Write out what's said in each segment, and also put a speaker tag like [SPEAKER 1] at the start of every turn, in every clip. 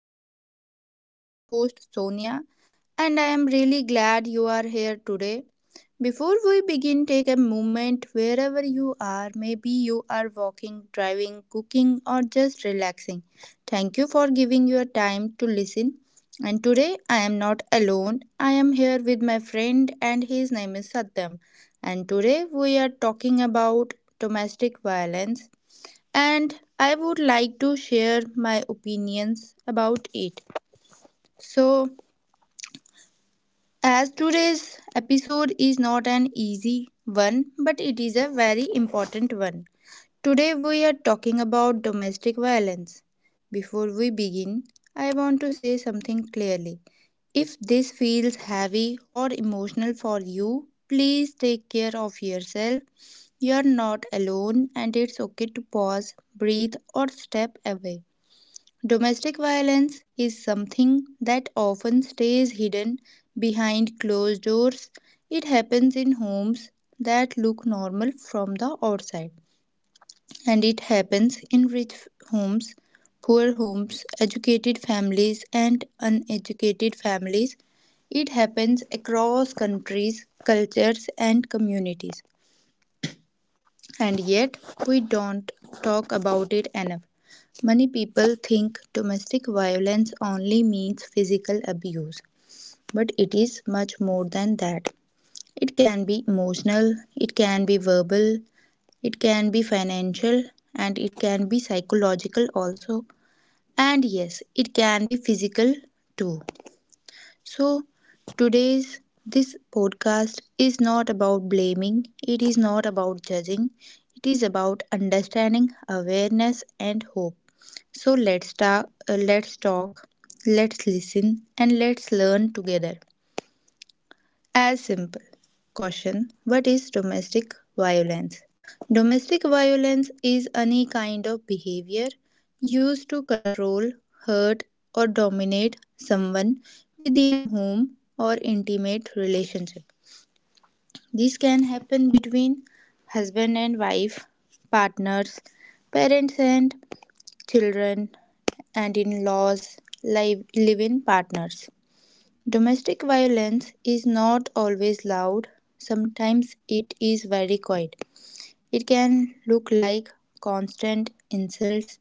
[SPEAKER 1] podcast. I am your host Sonia, and I am really glad you are here today. Before we begin, take a moment wherever you are. Maybe you are walking, driving, cooking, or just relaxing. Thank you for giving your time to listen. And today I am not alone. I am here with my friend, and his name is Satyam. And today we are talking about domestic violence, and I would like to share my opinions about it. So, as today's episode is not an easy one, but it is a very important one. Today, we are talking about domestic violence. Before we begin, I want to say something clearly. If this feels heavy or emotional for you, please take care of yourself. You are not alone, and it's okay to pause, breathe, or step away. Domestic violence is something that often stays hidden behind closed doors. It happens in homes that look normal from the outside, and it happens in rich homes, poor homes, educated families, and uneducated families. It happens across countries, cultures, and communities, and yet we don't talk about it enough. Many people think domestic violence only means physical abuse, but it is much more than that. It can be emotional, it can be verbal, it can be financial, and it can be psychological also. And yes, it can be physical too. So, today's this podcast is not about blaming, it is not about judging, it is about understanding, awareness, and hope. So, let's talk, let's listen, and let's learn together as simple. Caution. What is domestic violence? Domestic violence is any kind of behavior used to control, hurt, or dominate someone within a home or intimate relationship. This can happen between husband and wife, partners, parents and children, and in laws, live in partners. Domestic violence is not always loud, sometimes it is very quiet. It can look like constant insults,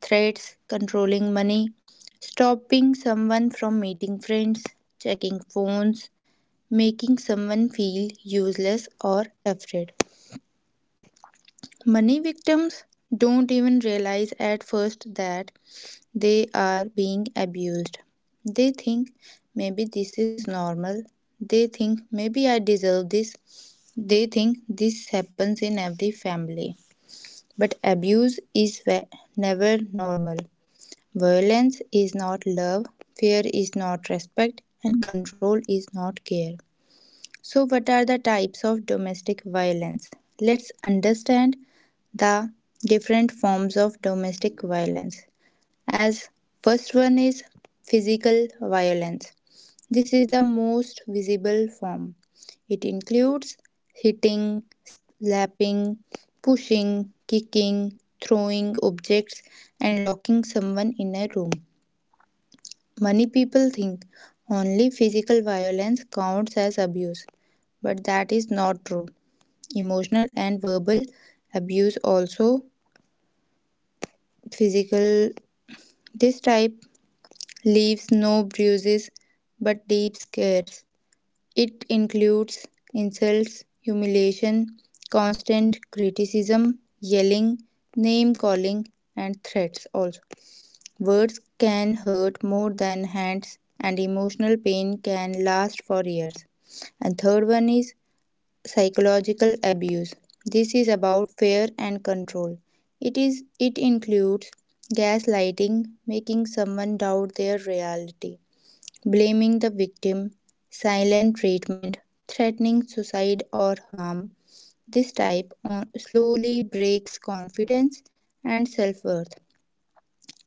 [SPEAKER 1] threats, controlling money, stopping someone from meeting friends, checking phones, making someone feel useless or afraid. Many victims don't even realize at first that they are being abused. They think maybe this is normal. They think maybe I deserve this. They think this happens in every family. But abuse is never normal. Violence is not love, fear is not respect, and control is not care. So, what are the types of domestic violence? Let's understand the different forms of domestic violence. As first one is physical violence. This is the most visible form. It includes hitting, slapping, pushing, kicking, throwing objects, and locking someone in a room. Many people think only physical violence counts as abuse, but that is not true. Emotional and verbal abuse also physical. This type leaves no bruises but deep scars. It includes insults, humiliation, constant criticism, yelling, name calling, and threats also. Words can hurt more than hands, and emotional pain can last for years. And third one is psychological abuse. This is about fear and control. It includes gaslighting, making someone doubt their reality, blaming the victim, silent treatment, threatening suicide or harm. This type on, slowly breaks confidence and self-worth.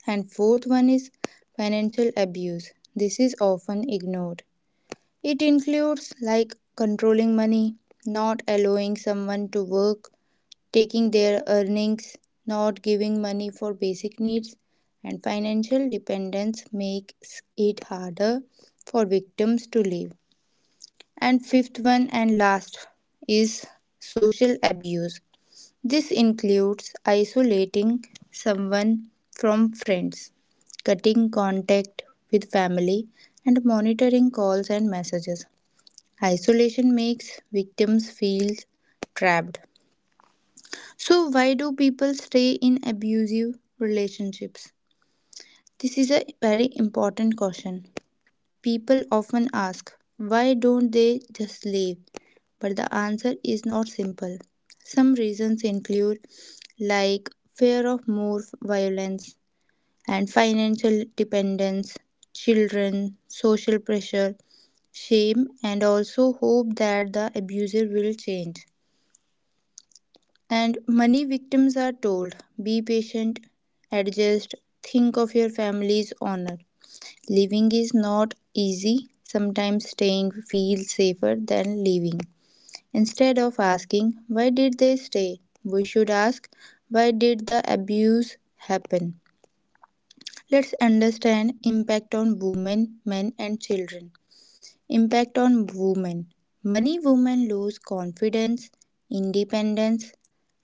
[SPEAKER 1] And fourth one is financial abuse. This is often ignored. It includes like controlling money, not allowing someone to work, taking their earnings, not giving money for basic needs, and financial dependence makes it harder for victims to live. And fifth one and last is social abuse. This includes isolating someone from friends, cutting contact with family, and monitoring calls and messages. Isolation makes victims feel trapped. So, why do people stay in abusive relationships? This is a very important question. People often ask, why don't they just leave? But the answer is not simple. Some reasons include like fear of more violence and financial dependence, children, social pressure, shame, and also hope that the abuser will change. And many victims are told be patient, adjust, think of your family's honor. Living is not easy. Sometimes staying feels safer than leaving. Instead of asking, why did they stay? We should ask, why did the abuse happen? Let's understand impact on women, men and children. Impact on women. Many women lose confidence, independence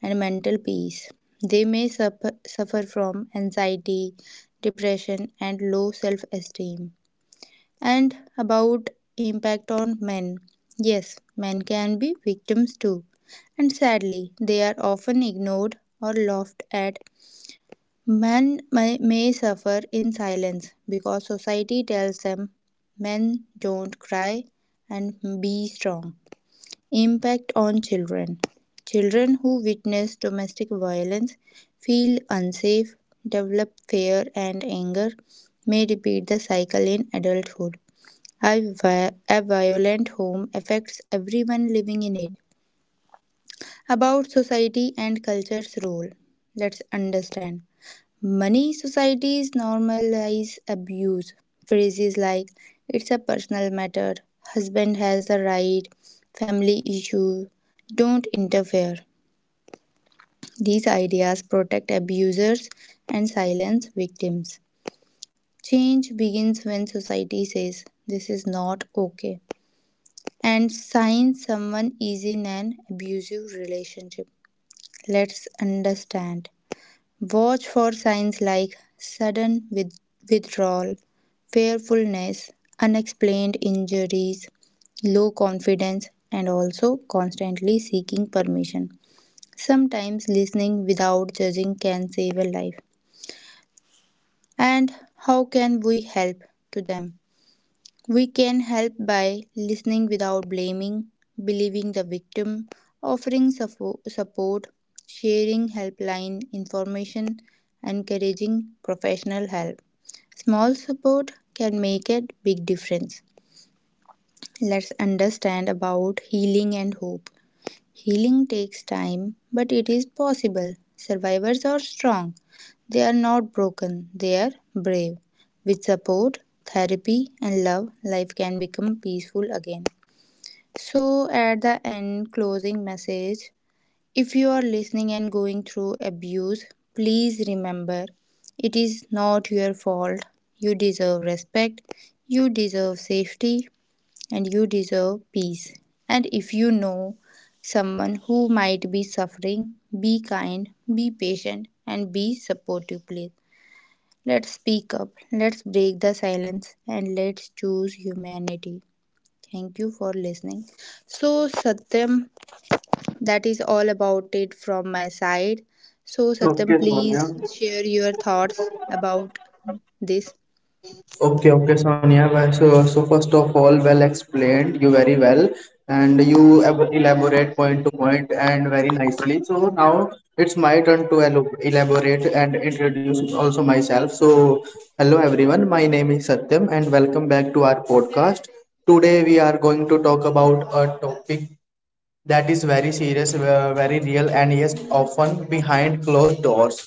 [SPEAKER 1] and mental peace. They may suffer from anxiety, depression and low self-esteem, and about impact on men. Yes, men can be victims too, and sadly, they are often ignored or laughed at. Men may suffer in silence because society tells them men don't cry and be strong. Impact on children. Children who witness domestic violence feel unsafe, develop fear and anger, may repeat the cycle in adulthood. However, a violent home affects everyone living in it. About society and culture's role. Let's understand. Many societies normalize abuse. Phrases like, it's a personal matter, husband has the right, family issue, don't interfere. These ideas protect abusers and silence victims. Change begins when society says, this is not okay. And sign someone is in an abusive relationship. Let's understand. Watch for signs like sudden withdrawal, fearfulness, unexplained injuries, low confidence, and also constantly seeking permission. Sometimes listening without judging can save a life. And how can we help to them? We can help by listening without blaming, believing the victim, offering support, sharing helpline information, encouraging professional help. Small support can make a big difference. Let's understand about healing and hope. Healing takes time, but it is possible. Survivors are strong. They are not broken, they are brave. With support, therapy, and love, life can become peaceful again. So, at the end, closing message, if you are listening and going through abuse, please remember it is not your fault. You deserve respect, you deserve safety, and you deserve peace. And if you know someone who might be suffering, be kind, be patient, and be supportive, please. Let's speak up, let's break the silence, and let's choose humanity. Thank you for listening. So, Satyam, that is all about it from my side. So, Satyam,
[SPEAKER 2] Okay,
[SPEAKER 1] please
[SPEAKER 2] Sonia.
[SPEAKER 1] share your thoughts about this.
[SPEAKER 2] Okay, okay, Sonia. So, first of all, well explained. You very well, and you elaborate point to point and very nicely. So now it's my turn to elaborate and introduce also myself. So, hello everyone. My name is Satyam, and welcome back to our podcast. Today we are going to talk about a topic that is very serious, very real, and yes, often behind closed doors.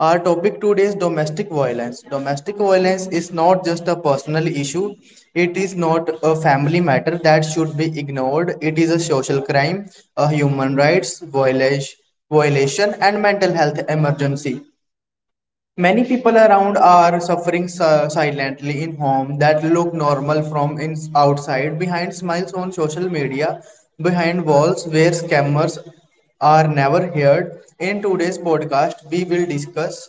[SPEAKER 2] Our topic today is domestic violence. Domestic violence is not just a personal issue, it is not a family matter that should be ignored. It is a social crime, a human rights violation, violation and mental health emergency. Many people around are suffering silently in home that look normal from outside, behind smiles on social media, behind walls where scammers are never heard. In today's podcast, we will discuss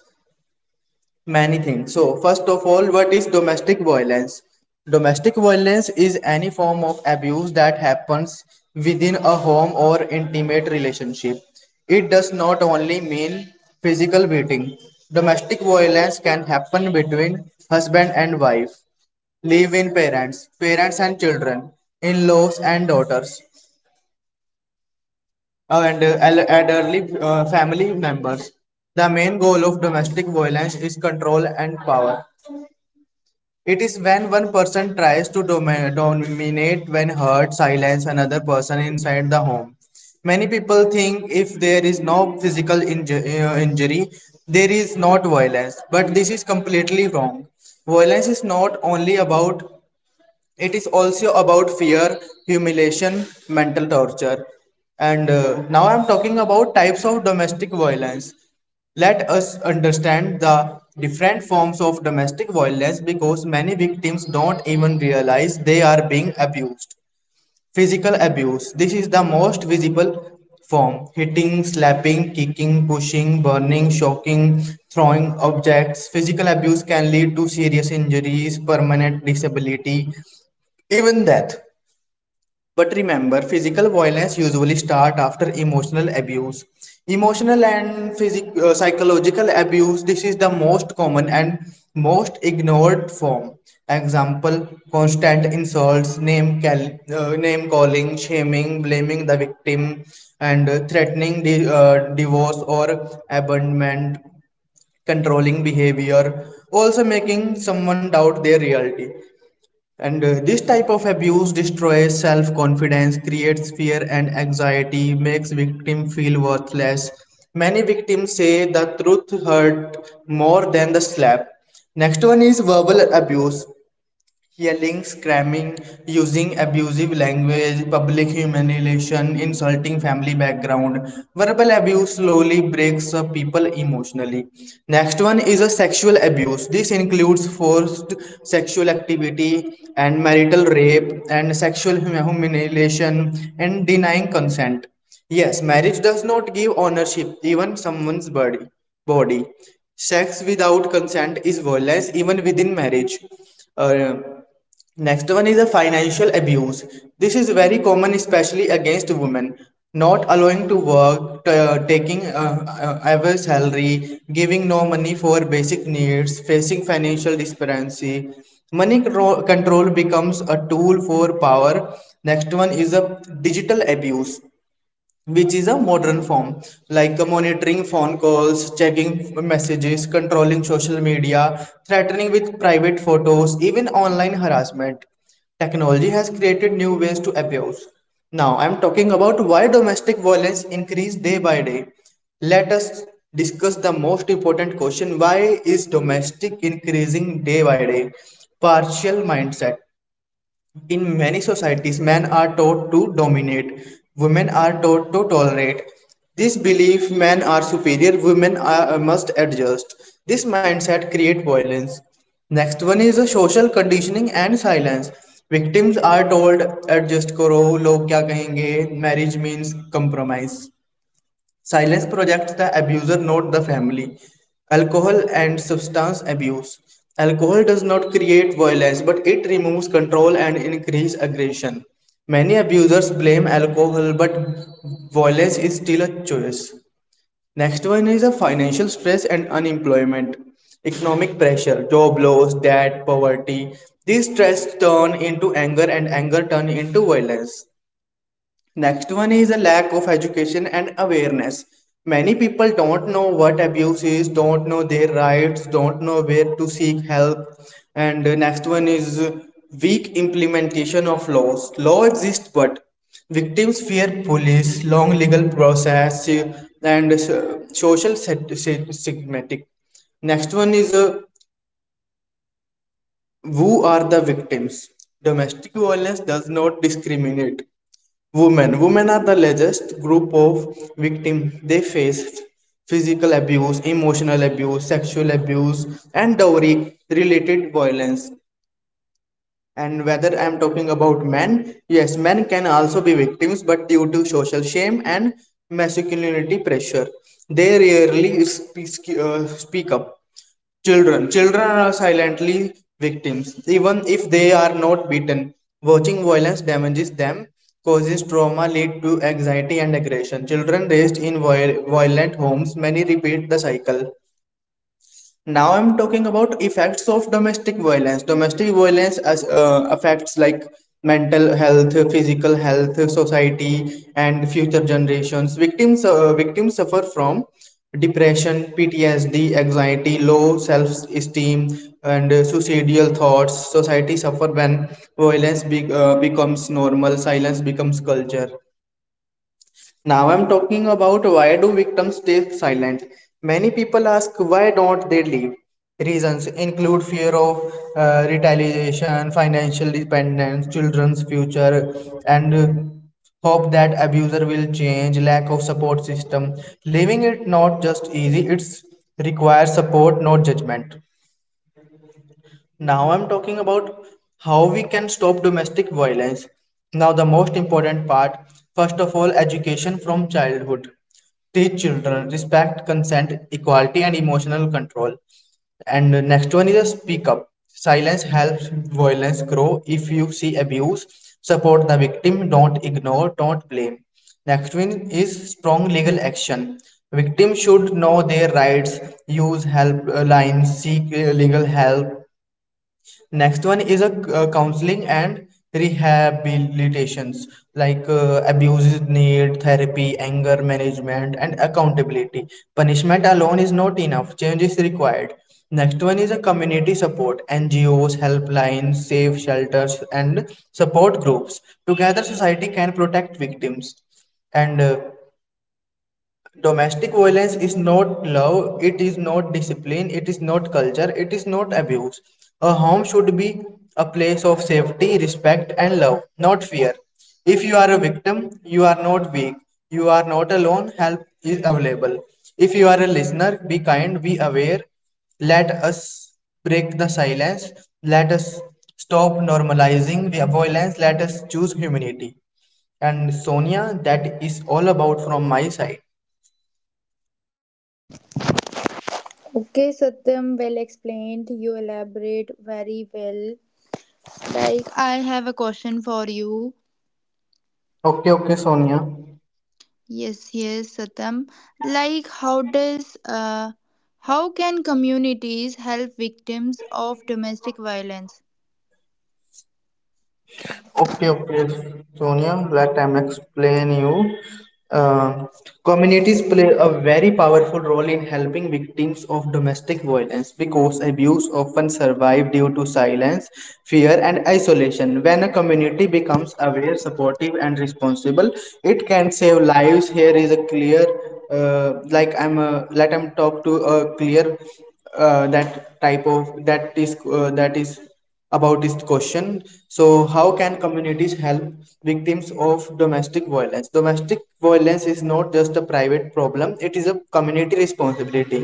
[SPEAKER 2] many things. So, first of all, what is domestic violence? Domestic violence is any form of abuse that happens within a home or intimate relationship. It does not only mean physical beating. Domestic violence can happen between husband and wife, live-in parents, parents and children, in-laws and daughters, and elderly family members. The main goal of domestic violence is control and power. It is when one person tries to dominate when hurt, silence another person inside the home. Many people think if there is no physical injury, there is not violence. But this is completely wrong. Violence is not only about, it is also about fear, humiliation, mental torture. And Now I'm talking about types of domestic violence. Let us understand the different forms of domestic violence because many victims don't even realize they are being abused. Physical abuse. This is the most visible form. Hitting, slapping, kicking, pushing, burning, shocking, throwing objects. Physical abuse can lead to serious injuries, permanent disability, even death. But remember, physical violence usually start after emotional abuse. Emotional and psychological abuse, this is the most common and most ignored form. Example, constant insults, name calling, shaming, blaming the victim, and threatening divorce or abandonment, controlling behavior, also making someone doubt their reality. And This type of abuse destroys self confidence, creates fear and anxiety, makes victim feel worthless. Many victims say the truth hurt more than the slap. Next one is verbal abuse. Yelling, screaming, using abusive language, public humiliation, insulting family background. Verbal abuse slowly breaks up people emotionally. Next one is a sexual abuse. This includes forced sexual activity and marital rape and sexual humiliation and denying consent. Yes, marriage does not give ownership, even someone's body. Body. Sex without consent is violence even within marriage. Uh, Next one is a financial abuse. This is very common, especially against women. Not allowing to work, taking our salary, giving no money for basic needs, facing financial disparity. Money control becomes a tool for power. Next one is a digital abuse which is a modern form, like monitoring phone calls, checking messages, controlling social media, threatening with private photos, even online harassment. Technology has created new ways to abuse. Now I'm talking about why domestic violence increase day by day. Let us discuss the most important question, why is domestic increasing day by day? Partial mindset. In many societies, men are taught to dominate, women are taught to tolerate. This belief, men are superior, women are, must adjust. This mindset creates violence. Next one is the social conditioning and silence. Victims are told, adjust करो, लोग क्या कहेंगे, marriage means compromise. Silence projects the abuser, not the family. Alcohol and substance abuse. Alcohol does not create violence, but it removes control and increases aggression. Many abusers blame alcohol, but violence is still a choice. Next one is a financial stress and unemployment. Economic pressure, job loss, debt, poverty. These stress turn into anger and anger turn into violence. Next one is a lack of education and awareness. Many people don't know what abuse is, don't know their rights, don't know where to seek help. And next one is weak implementation of laws. Law exists, but victims fear police, long legal process, and social stigmatic. Next one is, who are the victims? Domestic violence does not discriminate. Women. Women are the largest group of victims. They faced physical abuse, emotional abuse, sexual abuse, and dowry related violence. And whether I'm talking about men, yes, men can also be victims, but due to social shame and masculinity pressure, they rarely speak up. Children. Children are silently victims, even if they are not beaten. Watching violence damages them, causes trauma, lead to anxiety and aggression. Children raised in violent homes, many repeat the cycle. Now I'm talking about effects of domestic violence. Domestic violence as affects like mental health, physical health, society, and future generations. Victims suffer from depression, PTSD, anxiety, low self-esteem, and suicidal thoughts. Society suffer when violence becomes normal, silence becomes culture. Now I'm talking about, why do victims stay silent? Many people ask, why don't they leave? Reasons include fear of retaliation, financial dependence, children's future, and hope that abuser will change, lack of support system. Leaving it not just easy, it's requires support, not judgment. Now I'm talking about how we can stop domestic violence. Now, the most important part, first of all, education from childhood. Teach children respect, consent, equality, and emotional control. And the next one is a speak up. Silence helps violence grow. If you see abuse, support the victim, don't ignore, don't blame. Next one is strong legal action. Victims should know their rights, use help lines, seek legal help. Next one is a counseling and rehabilitations, like abuses need therapy, anger management, and accountability. Punishment alone is not enough, change is required. Next one is a community support, NGOs, helplines, safe shelters, and support groups. Together, society can protect victims. And Domestic violence is not love, it is not discipline, it is not culture, it is not abuse. A home should be a place of safety, respect, and love, not fear. If you are a victim, you are not weak, you are not alone, help is available. If you are a listener, be kind, be aware, let us break the silence, let us stop normalizing the violence, let us choose humanity. And Sonia, that is all about from my side.
[SPEAKER 1] Okay, Satyam, well explained. You elaborate very well. Like, I have a question for you.
[SPEAKER 2] Okay, okay, Sonia.
[SPEAKER 1] Yes, yes, Satam. Like, how can communities help victims of domestic violence?
[SPEAKER 2] Okay, okay, Sonia. Let me explain you. Uh, Communities play a very powerful role in helping victims of domestic violence because abuse often survive due to silence, fear, and isolation. When a community becomes aware, supportive, and responsible, it can save lives. Here is a clear, like I'm, let I'm talk to a clear, that type of that is that is about this question. So, how can communities help victims of domestic violence? Domestic violence is not just a private problem, it is a community responsibility.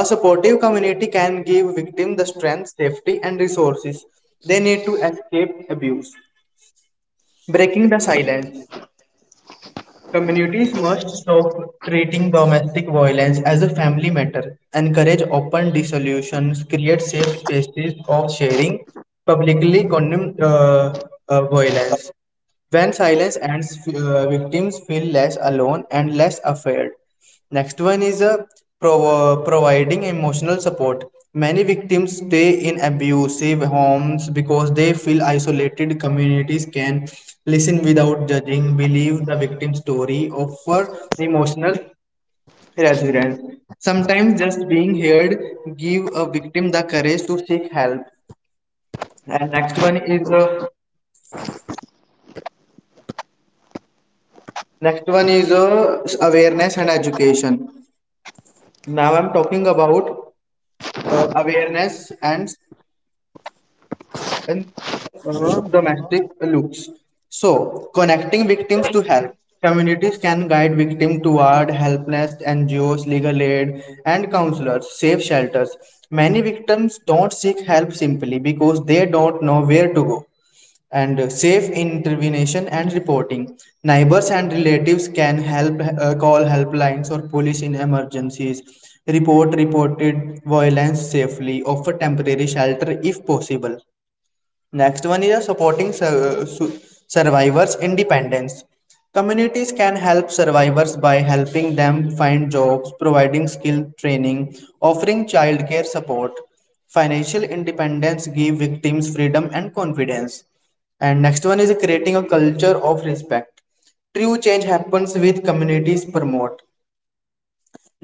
[SPEAKER 2] A supportive community can give victims the strength, safety, and resources they need to escape abuse. Breaking the silence. Communities must stop treating domestic violence as a family matter, encourage open dissolutions, create safe spaces of sharing, publicly condemn violence. When silence ends, victims feel less alone and less afraid. Next one is providing emotional support. Many victims stay in abusive homes because they feel isolated. Communities can listen without judging, believe the victim's story, offer emotional reassurance. Sometimes just being heard give a victim the courage to seek help. And next one is awareness and education. Now I'm talking about awareness and in domestic loops. So, connecting victims to help. Communities can guide victims toward helpless NGOs, legal aid, and counselors, safe shelters. Many victims don't seek help simply because they don't know where to go. And safe intervention and reporting. Neighbors and relatives can help call helplines or police in emergencies. Report reported violence safely. Offer temporary shelter if possible. Next one is a supporting survivors' independence. Communities can help survivors by helping them find jobs, providing skill training, offering childcare support. Financial independence gives victims freedom and confidence. And next one is creating a culture of respect. True change happens with communities promote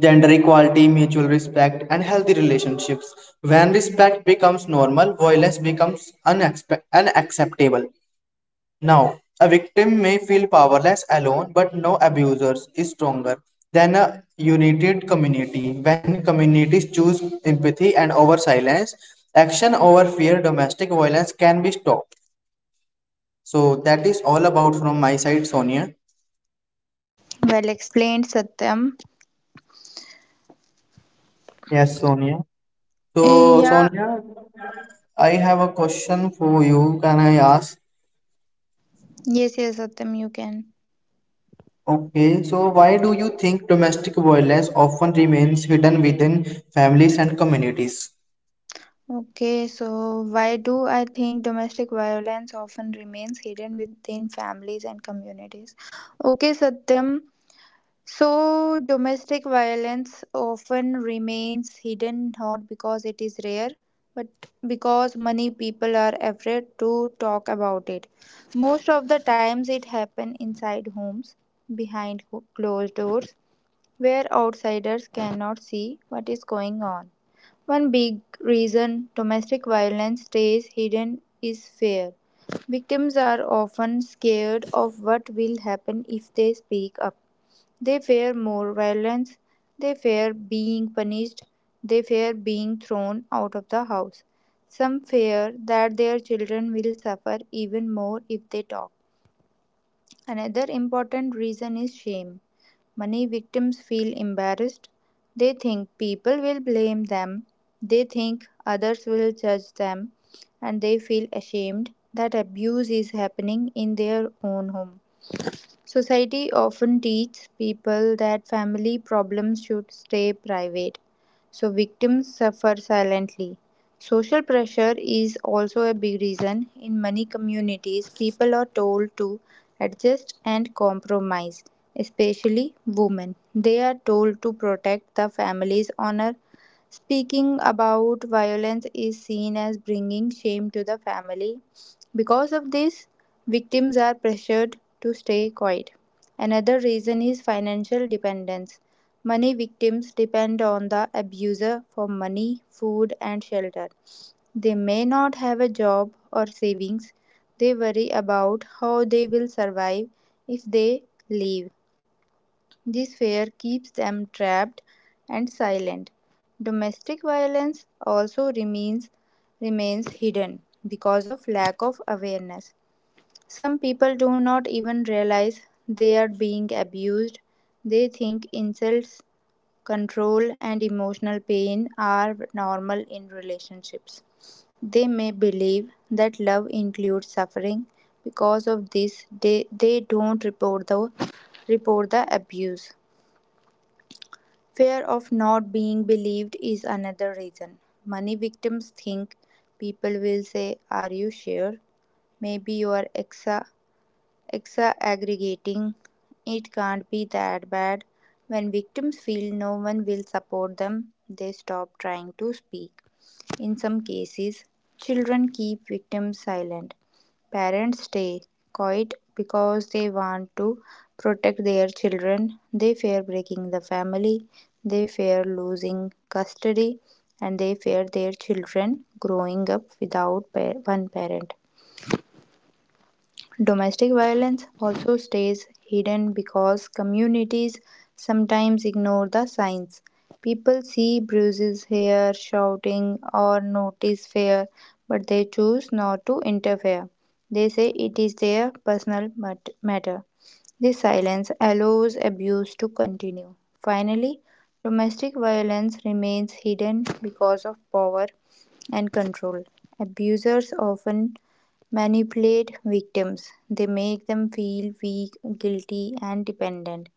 [SPEAKER 2] gender equality, mutual respect, and healthy relationships. When respect becomes normal, violence becomes unacceptable. Now, a victim may feel powerless alone, but no abusers is stronger than a united community. When communities choose empathy and over silence, action over fear, domestic violence can be stopped. So that is all about from my side, Sonia.
[SPEAKER 1] Well explained, Satyam.
[SPEAKER 2] Yes, Sonia.
[SPEAKER 1] Eh,
[SPEAKER 2] So,
[SPEAKER 1] yeah.
[SPEAKER 2] Sonia, I have a question for you. Can I ask?
[SPEAKER 1] Yes, yes, Satyam, you can.
[SPEAKER 2] Okay, so why do you think domestic violence often remains hidden within families and communities?
[SPEAKER 1] Okay, so why do I think domestic violence often remains hidden within families and communities? Okay, Satyam, so, domestic violence often remains hidden not because it is rare, but because many people are afraid to talk about it. Most of the times, it happens inside homes, behind closed doors, where outsiders cannot see what is going on. One big reason domestic violence stays hidden is fear. Victims are often scared of what will happen if they speak up. They fear more violence, they fear being punished, they fear being thrown out of the house. Some fear that their children will suffer even more if they talk. Another important reason is shame. Many victims feel embarrassed. They think people will blame them, they think others will judge them, and they feel ashamed that abuse is happening in their own home. Society often teaches people that family problems should stay private, so victims suffer silently. Social pressure is also a big reason. In many communities, people are told to adjust and compromise, especially women. They are told to protect the family's honor. Speaking about violence is seen as bringing shame to the family. Because of this, victims are pressured to stay quiet. Another reason is financial dependence. Many victims depend on the abuser for money, food, and shelter. They may not have a job or savings. They worry about how they will survive if they leave. This fear keeps them trapped and silent. Domestic violence also remains hidden because of lack of awareness. Some people do not even realize they are being abused. They think insults, control, and emotional pain are normal in relationships. They may believe that love includes suffering. Because of this, they don't report the abuse. Fear of not being believed is another reason. Many victims think people will say, are you sure? Maybe you are exaggerating. It can't be that bad. When victims feel no one will support them, they stop trying to speak. In some cases, children keep victims silent. Parents stay quiet because they want to protect their children. They fear breaking the family, they fear losing custody, and they fear their children growing up without one parent. Domestic violence also stays hidden because communities sometimes ignore the signs. People see bruises here, shouting, or notice fear, but they choose not to interfere. They say it is their personal matter. This silence allows abuse to continue. Finally, domestic violence remains hidden because of power and control. Abusers often manipulate victims. They make them feel weak, guilty, and dependent.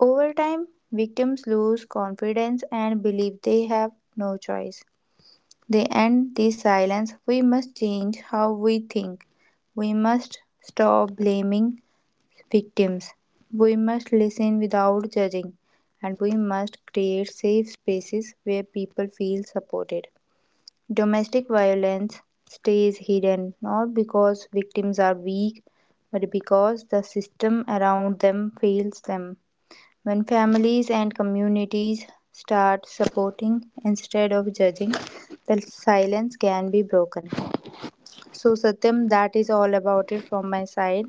[SPEAKER 1] Over time, victims lose confidence and believe they have no choice. They end this silence. We must change how we think. We must stop blaming victims. We must listen without judging. And we must create safe spaces where people feel supported. Domestic violence stays hidden not because victims are weak, but because the system around them fails them. When families and communities start supporting instead of judging, the silence can be broken. So, Satyam, that is all about it from my side.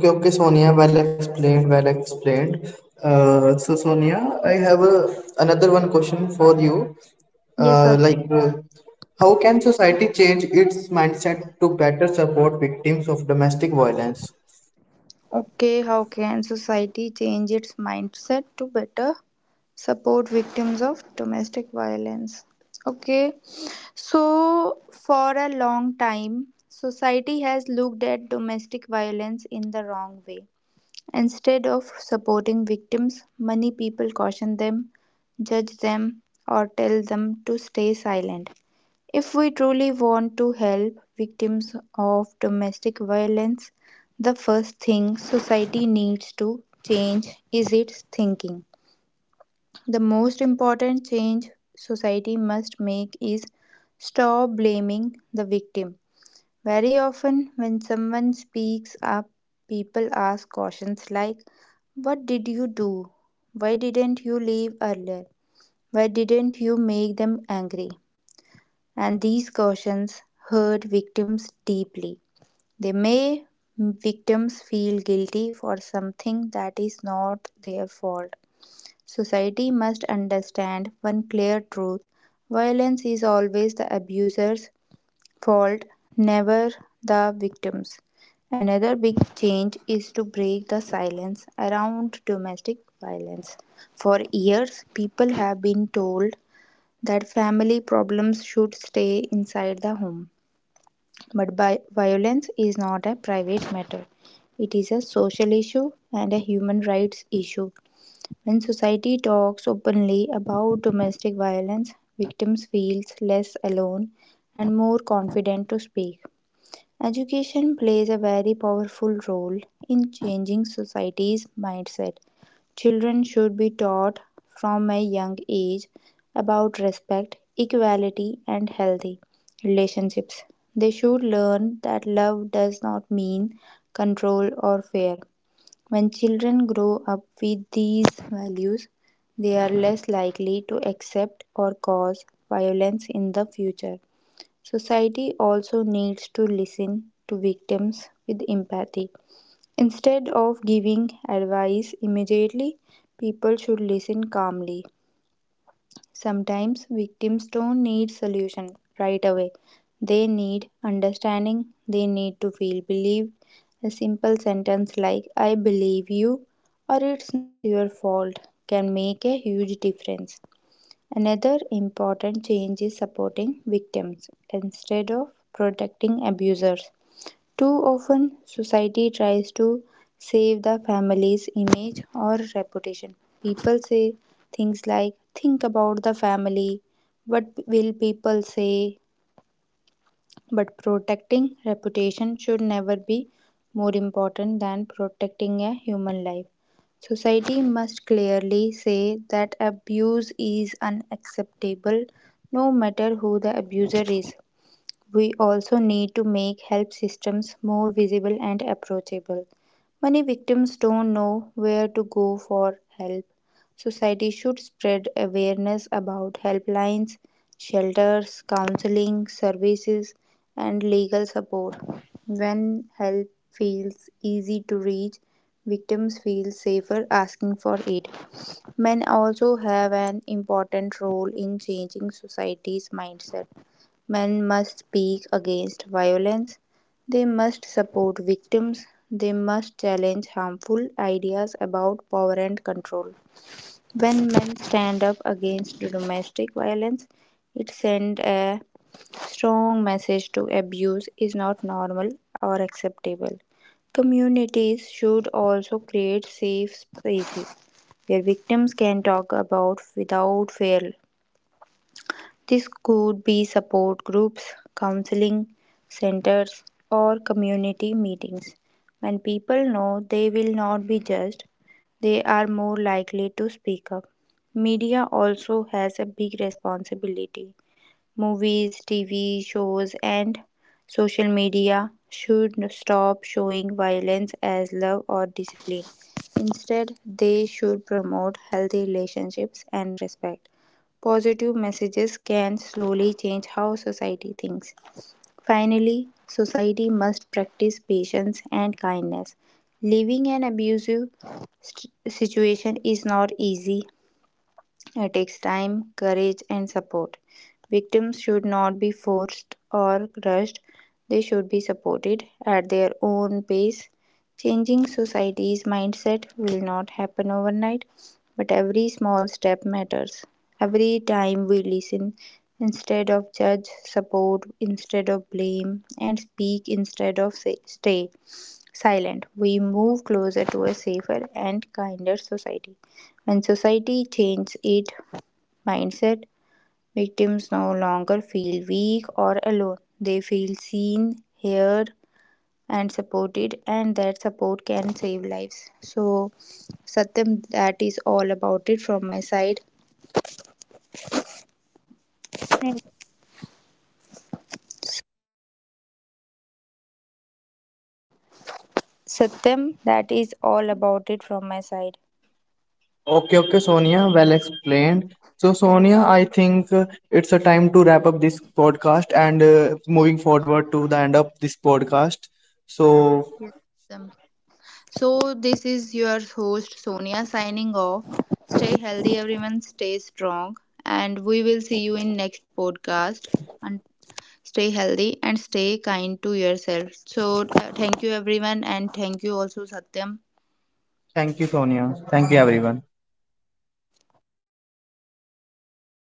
[SPEAKER 2] Okay, okay, Sonia, well explained. So, Sonia, I have a, another one question for you.
[SPEAKER 1] Yes,
[SPEAKER 2] Uh,
[SPEAKER 1] Satyam.
[SPEAKER 2] like, uh, how can society change its mindset to better support victims of domestic violence?
[SPEAKER 1] Okay, how can society change its mindset to better support victims of domestic violence? Okay. So, for a long time, society has looked at domestic violence in the wrong way. Instead of supporting victims, many people caution them, judge them, or tell them to stay silent. If we truly want to help victims of domestic violence, the first thing society needs to change is its thinking. The most important change society must make is stop blaming the victim. Very often, when someone speaks up, people ask questions like, "What did you do? Why didn't you leave earlier? Why didn't you make them angry?" And these questions hurt victims deeply. They may victims feel guilty for something that is not their fault. Society must understand one clear truth: violence is always the abuser's fault, never the victim's. Another big change is to break the silence around domestic violence. For years, people have been told that family problems should stay inside the home. But violence is not a private matter, it is a social issue and a human rights issue. When society talks openly about domestic violence, victims feel less alone and more confident to speak. Education plays a very powerful role in changing society's mindset. Children should be taught from a young age about respect, equality, and healthy relationships. They should learn that love does not mean control or fear. When children grow up with these values, they are less likely to accept or cause violence in the future. Society also needs to listen to victims with empathy. Instead of giving advice immediately, people should listen calmly. Sometimes victims don't need solution right away. They need understanding, they need to feel believed. A simple sentence like "I believe you" or "it's not your fault" can make a huge difference. Another important change is supporting victims instead of protecting abusers. Too often, society tries to save the family's image or reputation. People say things like, "think about the family, what will people say?" But protecting reputation should never be more important than protecting a human life. Society must clearly say that abuse is unacceptable no matter who the abuser is. We also need to make help systems more visible and approachable. Many victims don't know where to go for help. Society should spread awareness about helplines, shelters, counseling services, and legal support. When help feels easy to reach, victims feel safer asking for it. Men also have an important role in changing society's mindset. Men must speak against violence, they must support victims, they must challenge harmful ideas about power and control. When men stand up against domestic violence, it sends a strong message to abuse is not normal or acceptable. Communities should also create safe spaces where victims can talk about without fear. This could be support groups, counseling centers, or community meetings. When people know they will not be judged, they are more likely to speak up. Media also has a big responsibility. Movies, TV shows, and social media should stop showing violence as love or discipline. Instead, they should promote healthy relationships and respect. Positive messages can slowly change how society thinks. Finally, society must practice patience and kindness. Living an abusive situation is not easy, it takes time, courage, and support. Victims should not be forced or crushed, they should be supported at their own pace. Changing society's mindset will not happen overnight, but every small step matters. Every time we listen instead of judge, support instead of blame, and speak instead of say, stay silent, we move closer to a safer and kinder society. When society changes, it mindset. Victims no longer feel weak or alone. They feel seen, heard, and supported, and that support can save lives. So, Satyam, that is all about it from my side. Satyam, that is all about it from my side.
[SPEAKER 2] Okay, okay, Sonia, well explained. So, Sonia, I think it's a time to wrap up this podcast and
[SPEAKER 1] Yes,
[SPEAKER 2] moving forward to the end of this podcast. So,
[SPEAKER 1] yes. Satyam. So, this is your host Sonia signing off. Stay healthy, everyone. Stay strong. And we will see you in next podcast. Stay healthy and stay kind to yourself. So thank you everyone and thank you also Satyam.
[SPEAKER 2] thank you, Sonia. Thank you, everyone.